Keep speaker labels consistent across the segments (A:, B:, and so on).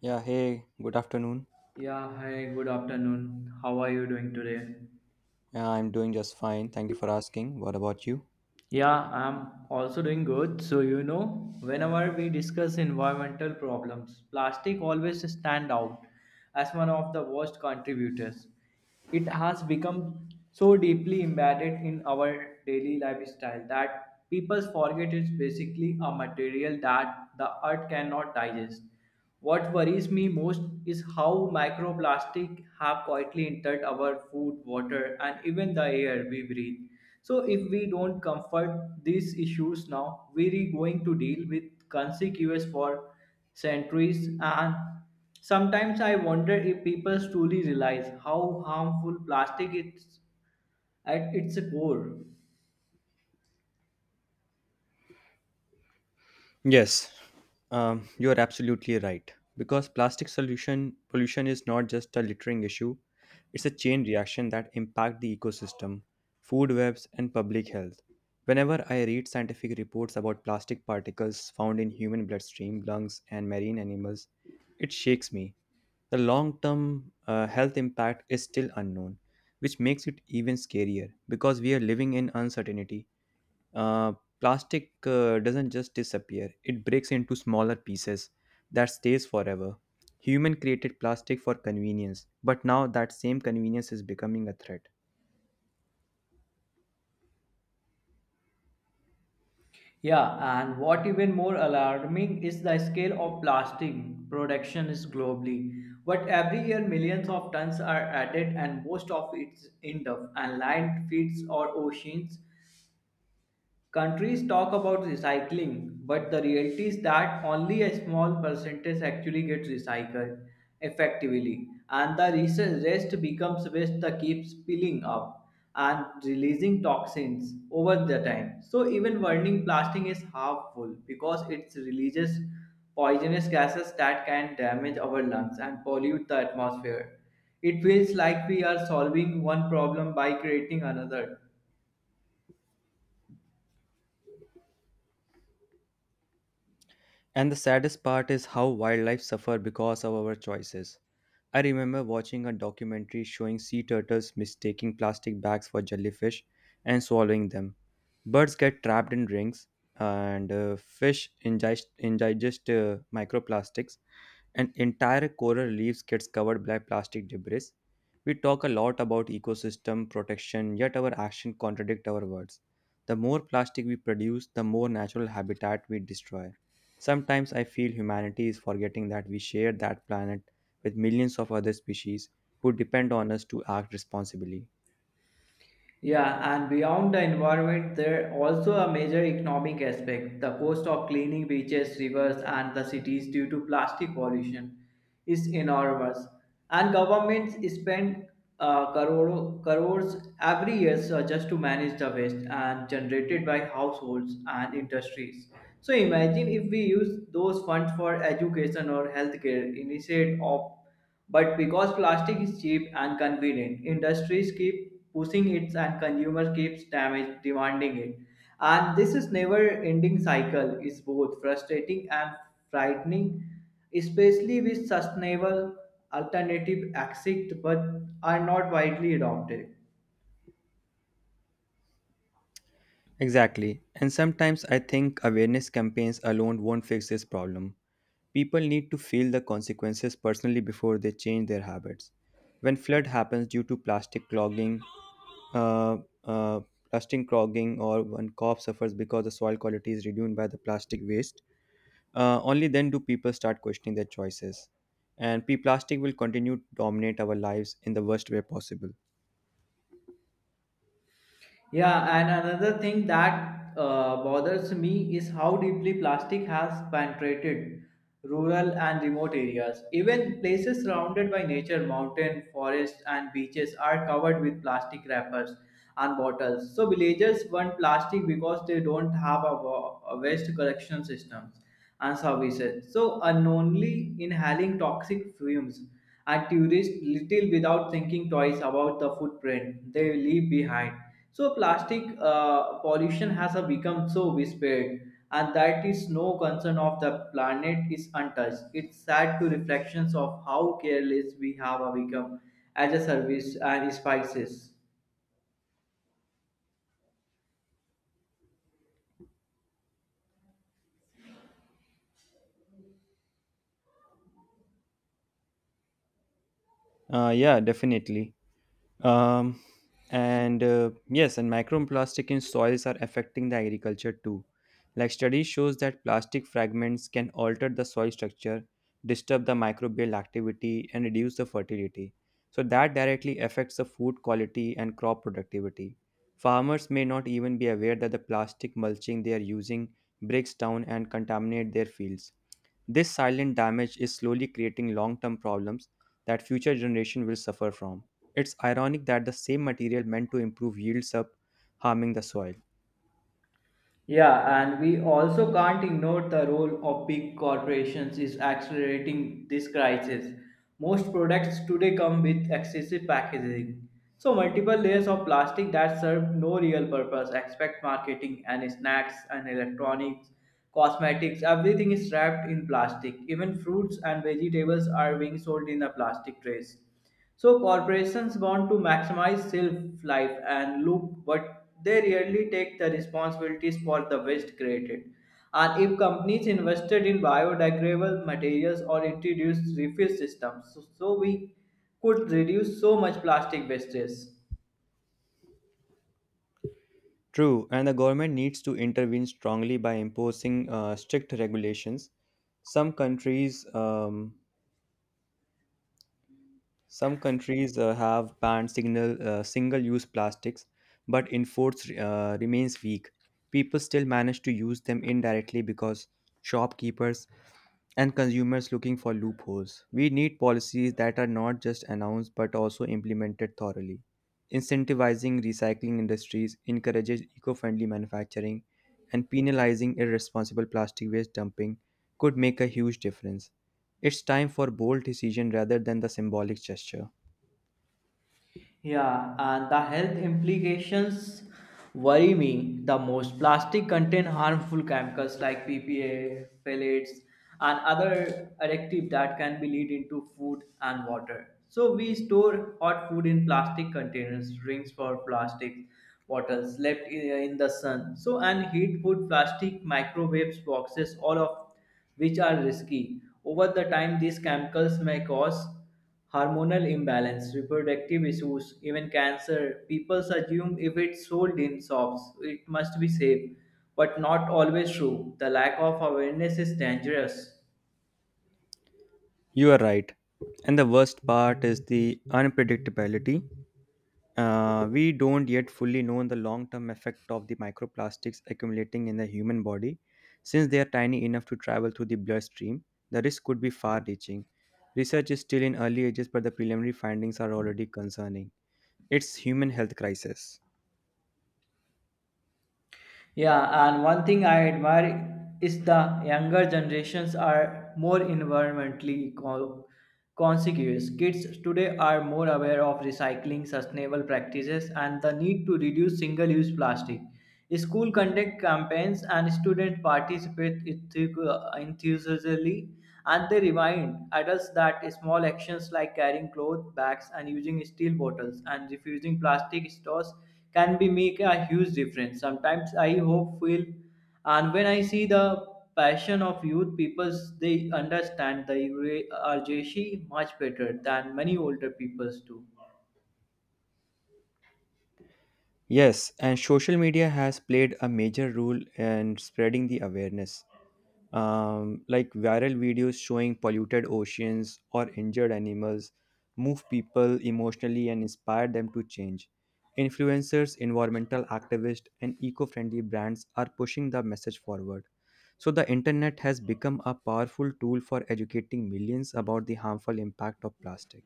A: Yeah, hey, good afternoon.
B: Yeah, hi, good afternoon. How are you doing today?
A: Yeah, I'm doing just fine. Thank you for asking. What about you?
B: Yeah, I'm also doing good. So, you know, whenever we discuss environmental problems, plastic always stand out as one of the worst contributors. It has become so deeply embedded in our daily lifestyle that people forget it's basically a material that the earth cannot digest. What worries me most is how microplastic have quietly entered our food, water, and even the air we breathe. So if we don't comfort these issues now, we're going to deal with consequences for centuries. And sometimes I wonder if people truly realize how harmful plastic is at its core.
A: Yes. You are absolutely right. Because plastic solution pollution is not just a littering issue, it's a chain reaction that impact the ecosystem, food webs, and public health. Whenever I read scientific reports about plastic particles found in human bloodstream, lungs, and marine animals, it shakes me. The long term health impact is still unknown, which makes it even scarier because we are living in uncertainty. Uh, Plastic doesn't just disappear, it breaks into smaller pieces that stays forever. Human created plastic for convenience, but now that same convenience is becoming a threat.
B: Yeah, and what even more alarming is the scale of plastic production is globally, but every year millions of tons are added and most of it's end up in landfills or oceans. Countries talk about recycling, but the reality is that only a small percentage actually gets recycled effectively, and the recent rest becomes waste that keeps piling up and releasing toxins over the time. So even burning plastic is harmful because it releases poisonous gases that can damage our lungs and pollute the atmosphere. It feels like we are solving one problem by creating another.
A: And the saddest part is how wildlife suffer because of our choices. I remember watching a documentary showing sea turtles mistaking plastic bags for jellyfish and swallowing them. Birds get trapped in rings, and fish ingest microplastics, and entire coral reefs gets covered by plastic debris. We talk a lot about ecosystem protection, yet our actions contradict our words. The more plastic we produce, the more natural habitat we destroy. Sometimes I feel humanity is forgetting that we share that planet with millions of other species who depend on us to act responsibly.
B: Yeah, and beyond the environment, there also a major economic aspect. The cost of cleaning beaches, rivers, and the cities due to plastic pollution is enormous, and governments spend crores every year just to manage the waste and generated by households and industries. So imagine if we use those funds for education or healthcare instead of, but because plastic is cheap and convenient, industries keep pushing it and consumers keeps damage demanding it. And this is never ending cycle is both frustrating and frightening, especially with sustainable alternative exist but are not widely adopted.
A: Exactly. And sometimes I think awareness campaigns alone won't fix this problem. People need to feel the consequences personally before they change their habits. When flood happens due to uh, uh, plastic clogging, or when crop suffers because the soil quality is reduced by the plastic waste, only then do people start questioning their choices. And P plastic will continue to dominate our lives in the worst way possible.
B: Yeah, and another thing that bothers me is how deeply plastic has penetrated rural and remote areas. Even places surrounded by nature, mountain, forests, and beaches are covered with plastic wrappers and bottles. So villagers want plastic because they don't have a waste collection systems and services. So unknowingly inhaling toxic fumes and tourists little without thinking twice about the footprint they leave behind. So plastic pollution has become so widespread, and that is no concern of the planet is untouched. It's sad to reflections of how careless we have become as a service and spices.
A: Yeah, definitely. Um, and Yes, and microplastic in soils are affecting the agriculture too. Like study shows that plastic fragments can alter the soil structure, disturb the microbial activity, and reduce the fertility. So that directly affects the food quality and crop productivity. Farmers may not even be aware that the plastic mulching they are using breaks down and contaminate their fields. This silent damage is slowly creating long term problems that future generations will suffer from. It's ironic that the same material meant to improve yields up harming the soil.
B: Yeah, and we also can't ignore the role of big corporations is accelerating this crisis. Most products today come with excessive packaging. So multiple layers of plastic that serve no real purpose, except marketing and snacks and electronics, cosmetics, everything is wrapped in plastic. Even fruits and vegetables are being sold in the plastic trays. So corporations want to maximize shelf life and loop, but they rarely take the responsibilities for the waste created. And if companies invested in biodegradable materials or introduced refill systems, so we could reduce so much plastic wastage.
A: True, and the government needs to intervene strongly by imposing strict regulations. Some countries um, Some countries have banned single-use plastics, but enforce remains weak. People still manage to use them indirectly because shopkeepers and consumers looking for loopholes. We need policies that are not just announced but also implemented thoroughly. Incentivizing recycling industries encourages eco-friendly manufacturing and penalizing irresponsible plastic waste dumping could make a huge difference. It's time for bold decision rather than the symbolic gesture.
B: Yeah, and the health implications worry me the most. Plastic contain harmful chemicals like PPA, phthalates, and other additives that can be lead into food and water. So we store hot food in plastic containers, drinks for plastic bottles left in the sun. So and heat food plastic microwaves boxes, all of which are risky. Over the time, these chemicals may cause hormonal imbalance, reproductive issues, even cancer. People assume if it's sold in shops, it must be safe, but not always true. The lack of awareness is dangerous.
A: You are right. And the worst part is the unpredictability. We don't yet fully know the long term effect of the microplastics accumulating in the human body. Since they are tiny enough to travel through the bloodstream, the risk could be far reaching. Research is still in early ages, but the preliminary findings are already concerning. It's human health crisis.
B: Yeah, and one thing I admire is the younger generations are more environmentally conscious. Kids today are more aware of recycling, sustainable practices, and the need to reduce single-use plastic. School conduct campaigns and students participate enthusiastically, and they remind adults that small actions like carrying cloth bags and using steel bottles and refusing plastic straws can be make a huge difference. Sometimes I hope feel and when I see the passion of youth peoples, they understand the urgency much better than many older peoples do.
A: Yes, and social media has played a major role in spreading the awareness. Like viral videos showing polluted oceans or injured animals move people emotionally and inspire them to change. Influencers, environmental activists, and eco-friendly brands are pushing the message forward. So the internet has become a powerful tool for educating millions about the harmful impact of plastic.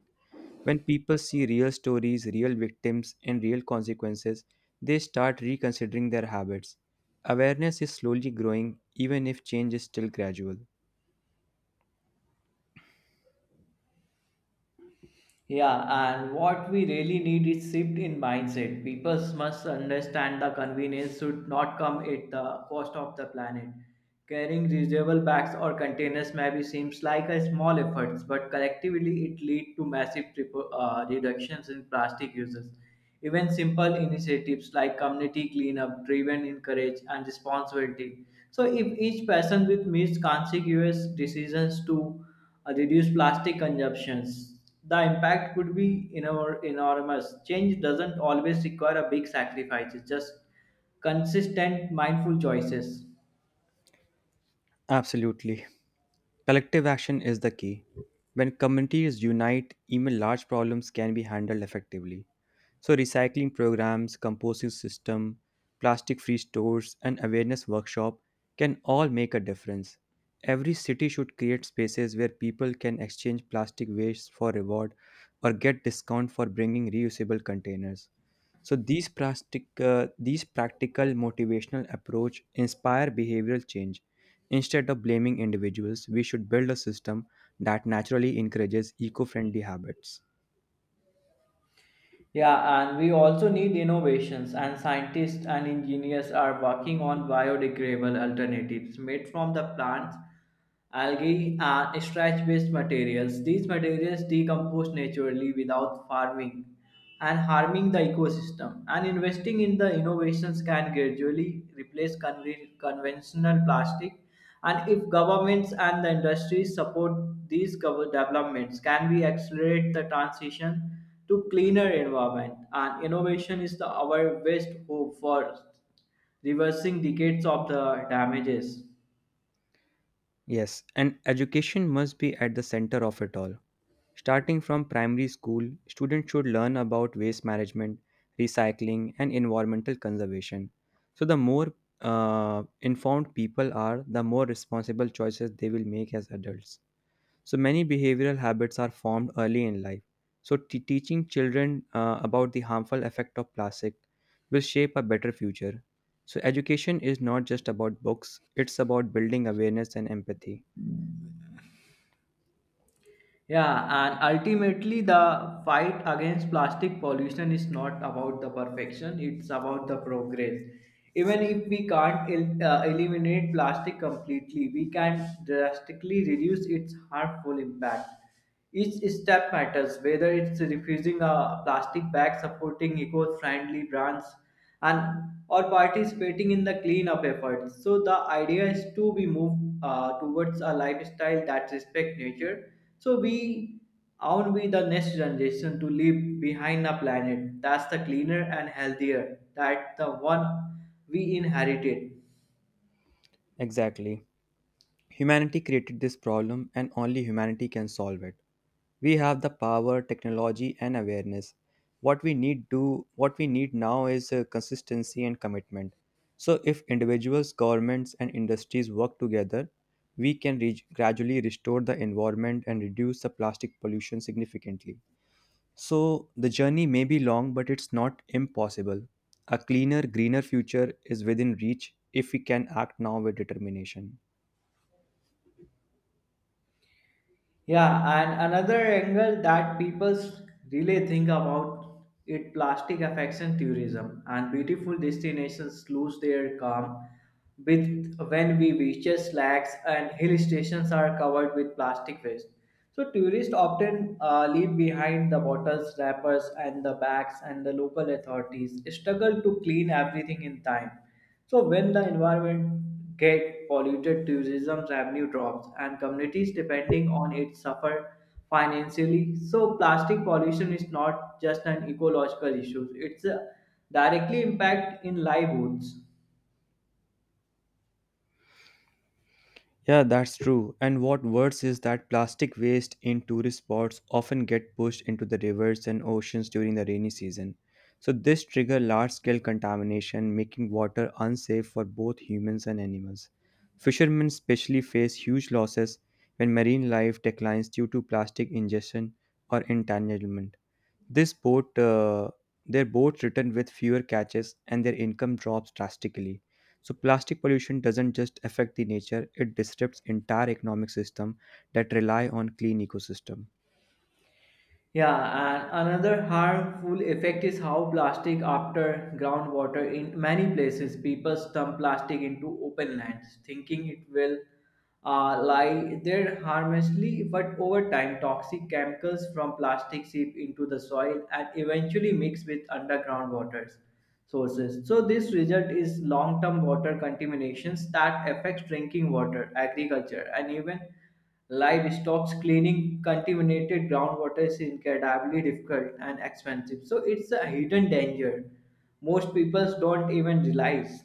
A: When people see real stories, real victims, and real consequences, they start reconsidering their habits. Awareness is slowly growing, even if change is still gradual.
B: Yeah, and what we really need is shift in mindset. People must understand the convenience should not come at the cost of the planet. Carrying reusable bags or containers maybe seems like a small effort, but collectively it leads to massive reductions in plastic uses. Even simple initiatives like community cleanup driven encourage and responsibility. So if each person with missed consequence decisions to reduce plastic consumptions, the impact could be enormous. Change doesn't always require a big sacrifice, it's just consistent, mindful choices.
A: Absolutely. Collective action is the key. When communities unite, even large problems can be handled effectively. So, recycling programs, composting system, plastic free stores, and awareness workshop can all make a difference. Every city should create spaces where people can exchange plastic waste for reward or get discount for bringing reusable containers. So these practical motivational approach inspire behavioral change. Instead of blaming individuals, we should build a system that naturally encourages eco-friendly habits.
B: Yeah, and we also need innovations, and scientists and engineers are working on biodegradable alternatives made from the plants, algae, and starch based materials. These materials decompose naturally without farming and harming the ecosystem. And investing in the innovations can gradually replace conventional plastic. And if governments and the industries support these developments, can we accelerate the transition to cleaner environment? And innovation is the our best hope for reversing decades of the damages.
A: Yes, and education must be at the center of it all. Starting from primary school, students should learn about waste management, recycling, and environmental conservation. So, the more informed people are, the more responsible choices they will make as adults. So, many behavioral habits are formed early in life. So, teaching children about the harmful effect of plastic will shape a better future. So, education is not just about books, it's about building awareness and empathy.
B: Yeah, and ultimately, the fight against plastic pollution is not about the perfection, it's about the progress. Even if we can't eliminate plastic completely, we can drastically reduce its harmful impact. Each step matters, whether it's refusing a plastic bag, supporting eco-friendly brands, and or participating in the cleanup efforts. So the idea is to be moved towards a lifestyle that respects nature. So we own we the next generation to leave behind a planet that's the cleaner and healthier that the one we inherited.
A: Exactly. Humanity created this problem and only humanity can solve it. We have the power, technology and awareness. What we need now is consistency and commitment. So if individuals, governments and industries work together, we can reach, gradually restore the environment and reduce the plastic pollution significantly. So the journey may be long but it's not impossible. A cleaner, greener future is within reach if we can act now with determination.
B: Yeah, and another angle that people really think about it, plastic affection tourism and beautiful destinations lose their calm with when we beaches, lakes, and hill stations are covered with plastic waste. So tourists often leave behind the bottles, wrappers, and the bags, and the local authorities struggle to clean everything in time. So when the environment get polluted, tourism's revenue drops and communities depending on it suffer financially. So plastic pollution is not just an ecological issue; it's a directly impact in livelihoods.
A: Yeah, that's true. And what worse is that plastic waste in tourist spots often get pushed into the rivers and oceans during the rainy season. So this trigger large-scale contamination, making water unsafe for both humans and animals. Fishermen especially face huge losses when marine life declines due to plastic ingestion or entanglement. This boat, uh, their boats return with fewer catches, and their income drops drastically. So plastic pollution doesn't just affect the nature; it disrupts entire economic system that rely on clean ecosystem.
B: Yeah, and another harmful effect is how plastic after groundwater. In many places people dump plastic into open lands thinking it will lie there harmlessly, but over time toxic chemicals from plastic seep into the soil and eventually mix with underground water sources. So this result is long-term water contaminations that affects drinking water, agriculture, and even livestock. Cleaning contaminated groundwater is incredibly difficult and expensive, so it's a hidden danger most people don't even realize.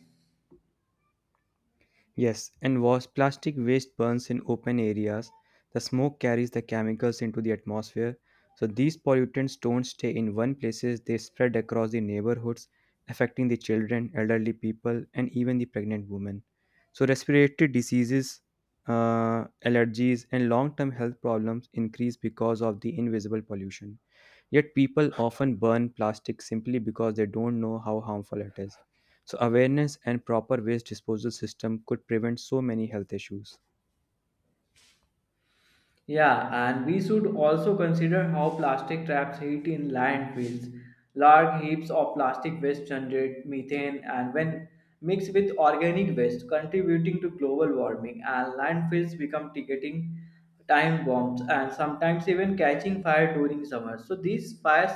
A: Yes, and was plastic waste burns in open areas, the smoke carries the chemicals into the atmosphere. So these pollutants don't stay in one places, they spread across the neighborhoods, affecting the children, elderly people, and even the pregnant women. So respiratory diseases, allergies, and long-term health problems increase because of the invisible pollution. Yet people often burn plastic simply because they don't know how harmful it is. So awareness and proper waste disposal system could prevent so many health issues.
B: Yeah, and we should also consider how plastic traps heat in landfills. Large heaps of plastic waste generate methane and when mixed with organic waste contributing to global warming, and landfills become ticking time bombs and sometimes even catching fire during summer. So these fires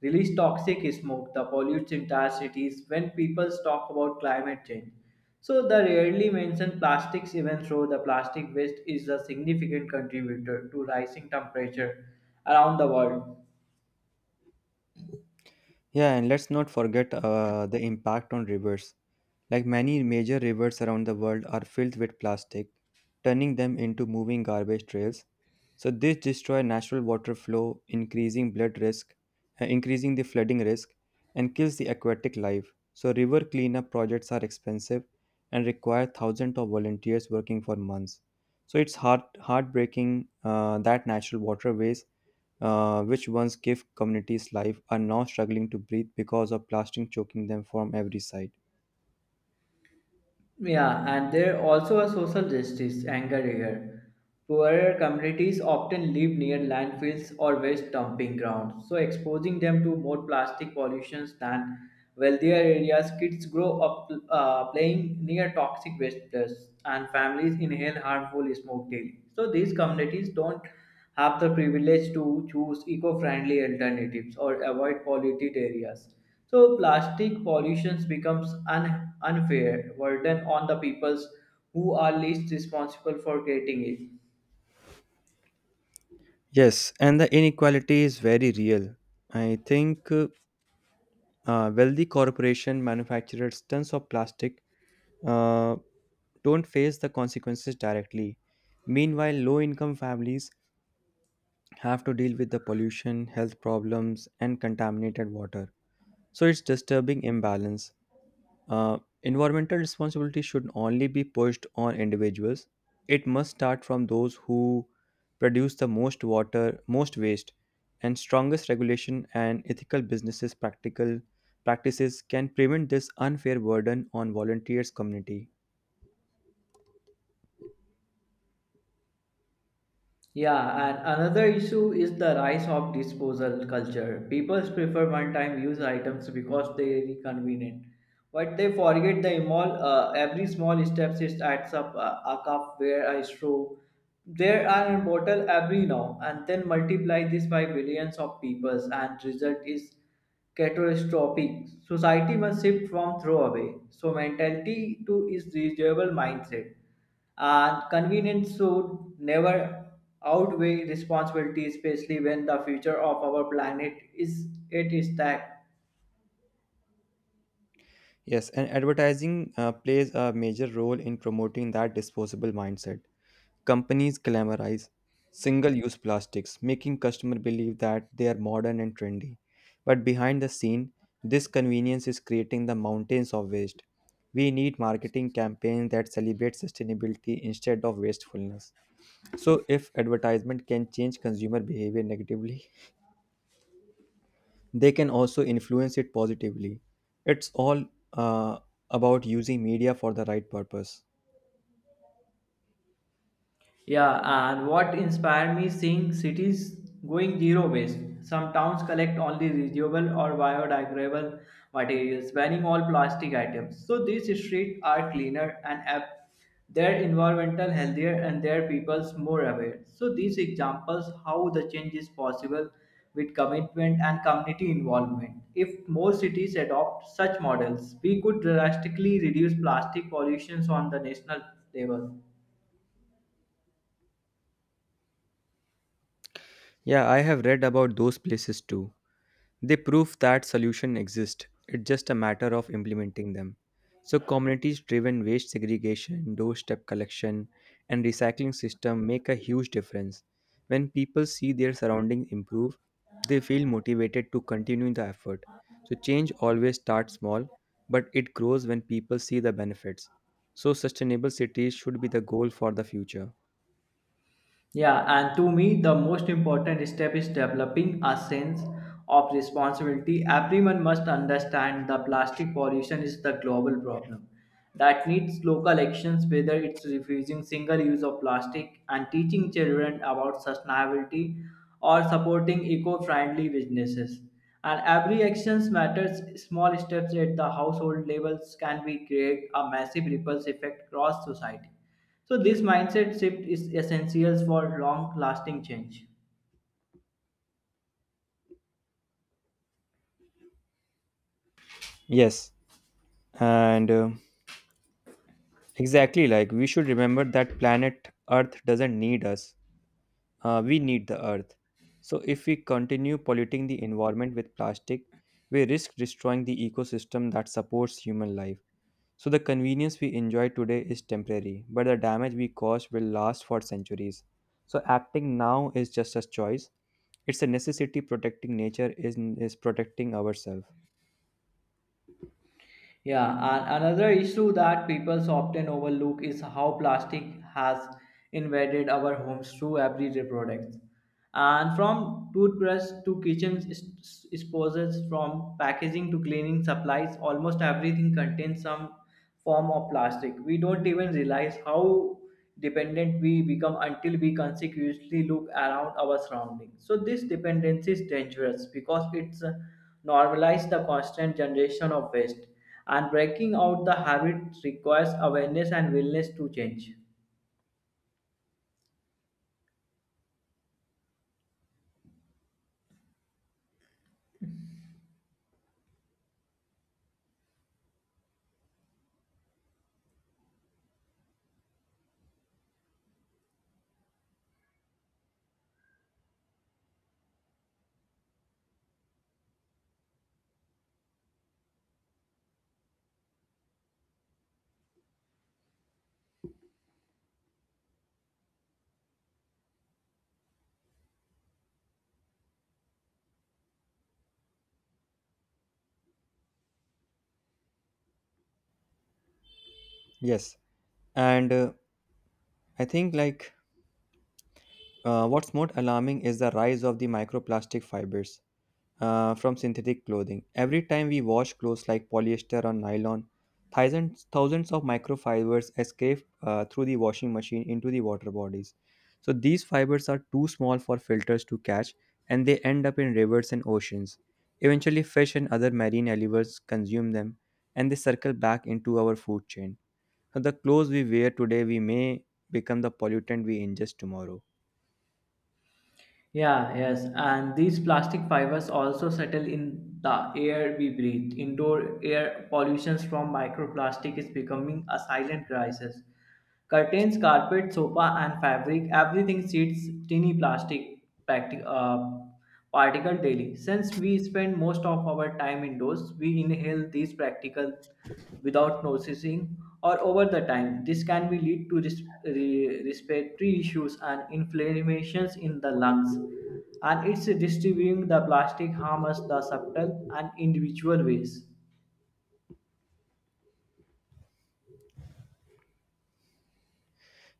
B: release toxic smoke that pollutes entire cities when people talk about climate change. So the rarely mentioned plastics, even though the plastic waste is a significant contributor to rising temperature around the world.
A: Yeah, and let's not forget the impact on rivers. Like many major rivers around the world are filled with plastic, turning them into moving garbage trails. So this destroys natural water flow, increasing the flooding risk, and kills the aquatic life. So river cleanup projects are expensive and require thousands of volunteers working for months. So it's heartbreaking that natural waterways, which once gave communities life, are now struggling to breathe because of plastic choking them from every side.
B: Yeah, and there also a social justice anger here. Poorer communities often live near landfills or waste dumping grounds, so exposing them to more plastic pollution than wealthier areas. Kids grow up playing near toxic waste places, and families inhale harmful smoke daily. So these communities don't have the privilege to choose eco-friendly alternatives or avoid polluted areas. So plastic pollution becomes an unfair burden on the peoples who are least responsible for creating it.
A: Yes, and the inequality is very real. I think Wealthy corporation manufacturers tons of plastic uh, don't face the consequences directly. Meanwhile, low income families have to deal with the pollution, health problems, and contaminated water. So it's disturbing imbalance. Environmental responsibility should only be pushed on individuals. It must start from those who produce the most water, most waste, and strongest regulation and ethical businesses practical practices can prevent this unfair burden on volunteers community.
B: Yeah, and another issue is the rise of disposal culture. People prefer one-time use items because they are convenient, but they forget the small, every small step is adds up. A cup where I straw, there are a bottle every now, and then multiply this by billions of people, and result is catastrophic. Society must shift from throwaway so mentality to its reusable mindset. And convenience should never outweigh responsibility, especially when the future of our planet is at stake.
A: Yes, and advertising plays a major role in promoting that disposable mindset. Companies glamorize single use plastics, making customers believe that they are modern and trendy. But behind the scene, this convenience is creating the mountains of waste. We need marketing campaigns that celebrate sustainability instead of wastefulness. So, if advertisement can change consumer behavior negatively, they can also influence it positively. It's all uh, about using media for the right purpose.
B: Yeah, and what inspired me seeing cities going zero waste. Some towns collect only reusable or biodegradable materials, banning all plastic items. So these streets are cleaner and their environmental healthier and their peoples more aware. So these examples how the change is possible with commitment and community involvement. If more cities adopt such models, we could drastically reduce plastic pollutions on the national level.
A: Yeah, I have read about those places too. They prove that solutions exist. It's just a matter of implementing them. So communities driven waste segregation, doorstep collection and recycling system make a huge difference. When people see their surroundings improve, they feel motivated to continue the effort. So change always starts small, but it grows when people see the benefits. So sustainable cities should be the goal for the future.
B: Yeah, and to me, the most important step is developing a sense of responsibility. Everyone must understand that plastic pollution is the global problem that needs local actions, whether it's refusing single use of plastic and teaching children about sustainability or supporting eco friendly businesses. And every action matters. Small steps at the household levels can be create a massive ripples effect across society. So this mindset shift is essential for long-lasting change.
A: Yes, and Exactly, like we should remember that planet Earth doesn't need us, we need the earth. So, if we continue polluting the environment with plastic, we risk destroying the ecosystem that supports human life. So, the convenience we enjoy today is temporary, but the damage we cause will last for centuries. So, acting now is just a choice, it's a necessity. Protecting nature is protecting ourselves.
B: Yeah, and another issue that people often overlook is how plastic has invaded our homes through everyday products. And from toothbrush to kitchen disposals, from packaging to cleaning supplies, almost everything contains some form of plastic. We don't even realize how dependent we become until we consequently look around our surroundings. So this dependency is dangerous because it's normalized the constant generation of waste, and breaking out the habit requires awareness and willingness to change.
A: Yes. And I think, like, What's more alarming is the rise of the microplastic fibers from synthetic clothing. Every time we wash clothes like polyester or nylon, thousands of microfibers escape through the washing machine into the water bodies. So these fibers are too small for filters to catch and they end up in rivers and oceans. Eventually, fish and other marine animals consume them and they circle back into our food chain. So the clothes we wear today, we may become the pollutant we ingest tomorrow.
B: Yeah, yes. And these plastic fibers also settle in the air we breathe. Indoor air pollution from microplastic is becoming a silent crisis. Curtains, carpet, sofa, and fabric, everything seeds tiny plastic practi- uh, particle daily. Since we spend most of our time indoors, we inhale these practical without noticing or over the time. This can be lead to respiratory issues and inflammations in the lungs. And it's distributing the plastic harms the subtle and individual ways.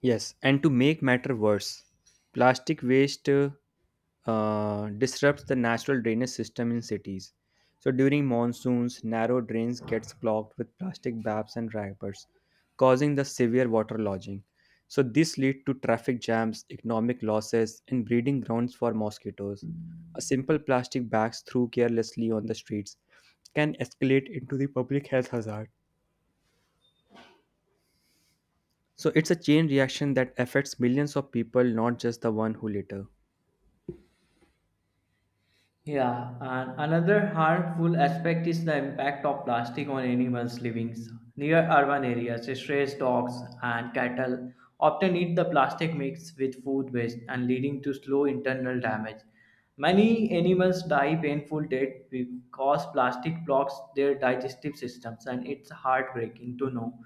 A: Yes, and to make matter worse, plastic waste disrupts the natural drainage system in cities. So during monsoons, narrow drains gets clogged with plastic bags and wrappers, causing the severe water lodging. So this lead to traffic jams, economic losses, and breeding grounds for mosquitoes. A simple plastic bags thrown carelessly on the streets can escalate into the public health hazard. So it's a chain reaction that affects millions of people, not just the one who litter.
B: Yeah, and another harmful aspect is the impact of plastic on animals living near urban areas. Stray dogs and cattle often eat the plastic mix with food waste and leading to slow internal damage. Many animals die painful death because plastic blocks their digestive systems, and it's heartbreaking to know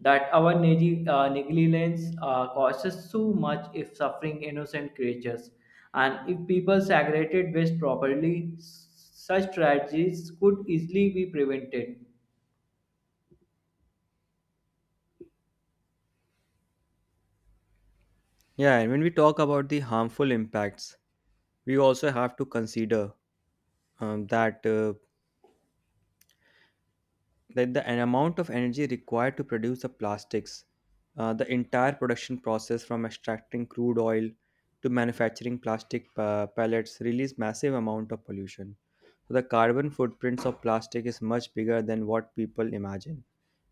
B: that our negligence causes so much if suffering innocent creatures. And if people segregated waste properly, such tragedies could easily be prevented.
A: Yeah, and when we talk about the harmful impacts, we also have to consider um, that uh, that the an amount of energy required to produce the plastics, the entire production process from extracting crude oil to manufacturing plastic pellets release massive amount of pollution. So the carbon footprints of plastic is much bigger than what people imagine.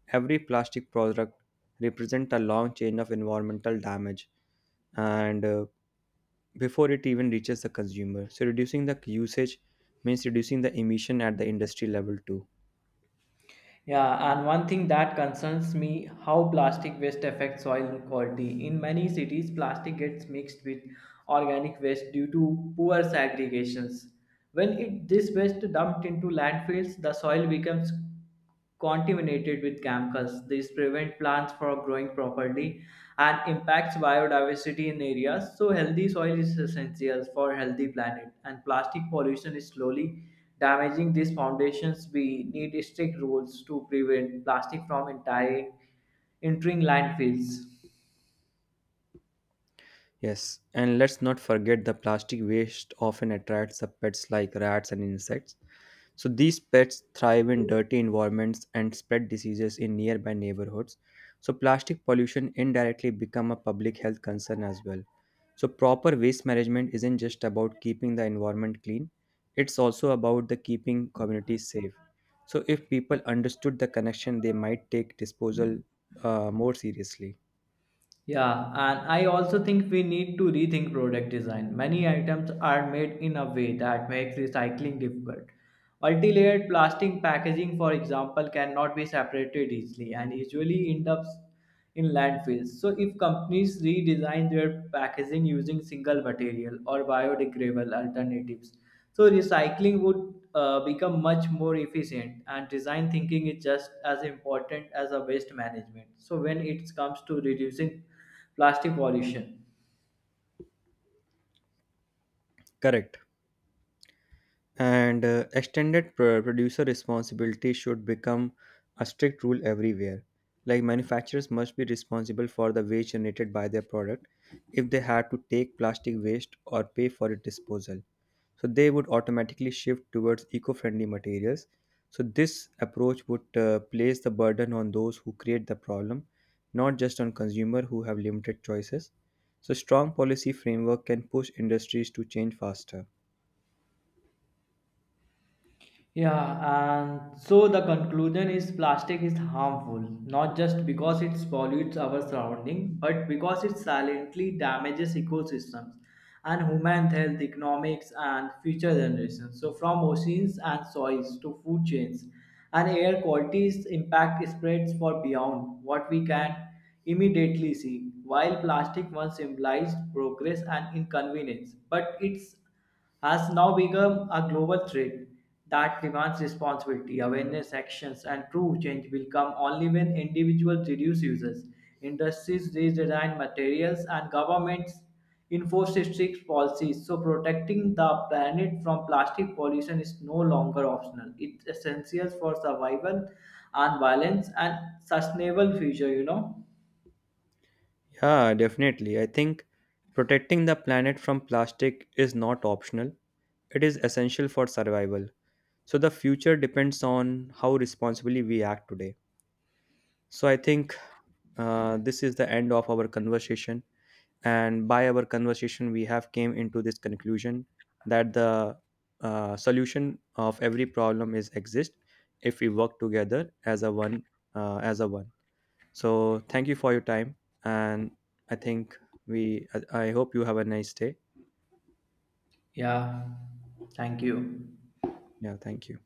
A: Every plastic product represents a long chain of environmental damage and before it even reaches the consumer. So reducing the usage means reducing the emission at the industry level too.
B: Yeah, and one thing that concerns me how plastic waste affects soil quality. In many cities, plastic gets mixed with organic waste due to poor segregations. When it this waste dumped into landfills, the soil becomes contaminated with chemicals. This prevent plants from growing properly and impacts biodiversity in areas. So healthy soil is essential for healthy planet, and plastic pollution is slowly damaging these foundations. We need strict rules to prevent plastic from entering landfills.
A: Yes, and let's not forget the plastic waste often attracts the pets like rats and insects. So these pets thrive in dirty environments and spread diseases in nearby neighborhoods. So plastic pollution indirectly become a public health concern as well. So proper waste management isn't just about keeping the environment clean, it's also about the keeping communities safe. So if people understood the connection, they might take disposal more seriously.
B: Yeah, and I also think we need to rethink product design. Many items are made in a way that makes recycling difficult. Multi-layered plastic packaging, for example, cannot be separated easily and usually end up in landfills. So if companies redesign their packaging using single material or biodegradable alternatives, so recycling would become much more efficient, and design thinking is just as important as a waste management. So when it comes to reducing plastic pollution,
A: Correct. And producer responsibility should become a strict rule everywhere, like manufacturers must be responsible for the waste generated by their product. If they had to take plastic waste or pay for its disposal, so they would automatically shift towards eco-friendly materials. So this approach would place the burden on those who create the problem, not just on consumer who have limited choices. So strong policy framework can push industries to change faster.
B: yeah, and so the conclusion is plastic is harmful, not just because it pollutes our surrounding, but because it silently damages ecosystems and human health, economics, and future generations. So, from oceans and soils to food chains and air quality's impact spreads far beyond what we can immediately see. While plastic once symbolized progress and inconvenience, but its has now become a global threat that demands responsibility, awareness, actions, and true change will come only when individuals reduce uses, industries redesign materials, and governments enforce strict policies. So, protecting the planet from plastic pollution is no longer optional. It's essential for survival and balance and sustainable future, you know.
A: Yeah, definitely. I think protecting the planet from plastic is not optional, it is essential for survival. So, the future depends on how responsibly we act today. So, I think this is the end of our conversation. And by our conversation, we have came into this conclusion that the solution of every problem is exist if we work together as a one, as a one. So thank you for your time, and I think we. I hope you have a nice day.
B: Yeah. Thank you.
A: Yeah, thank you.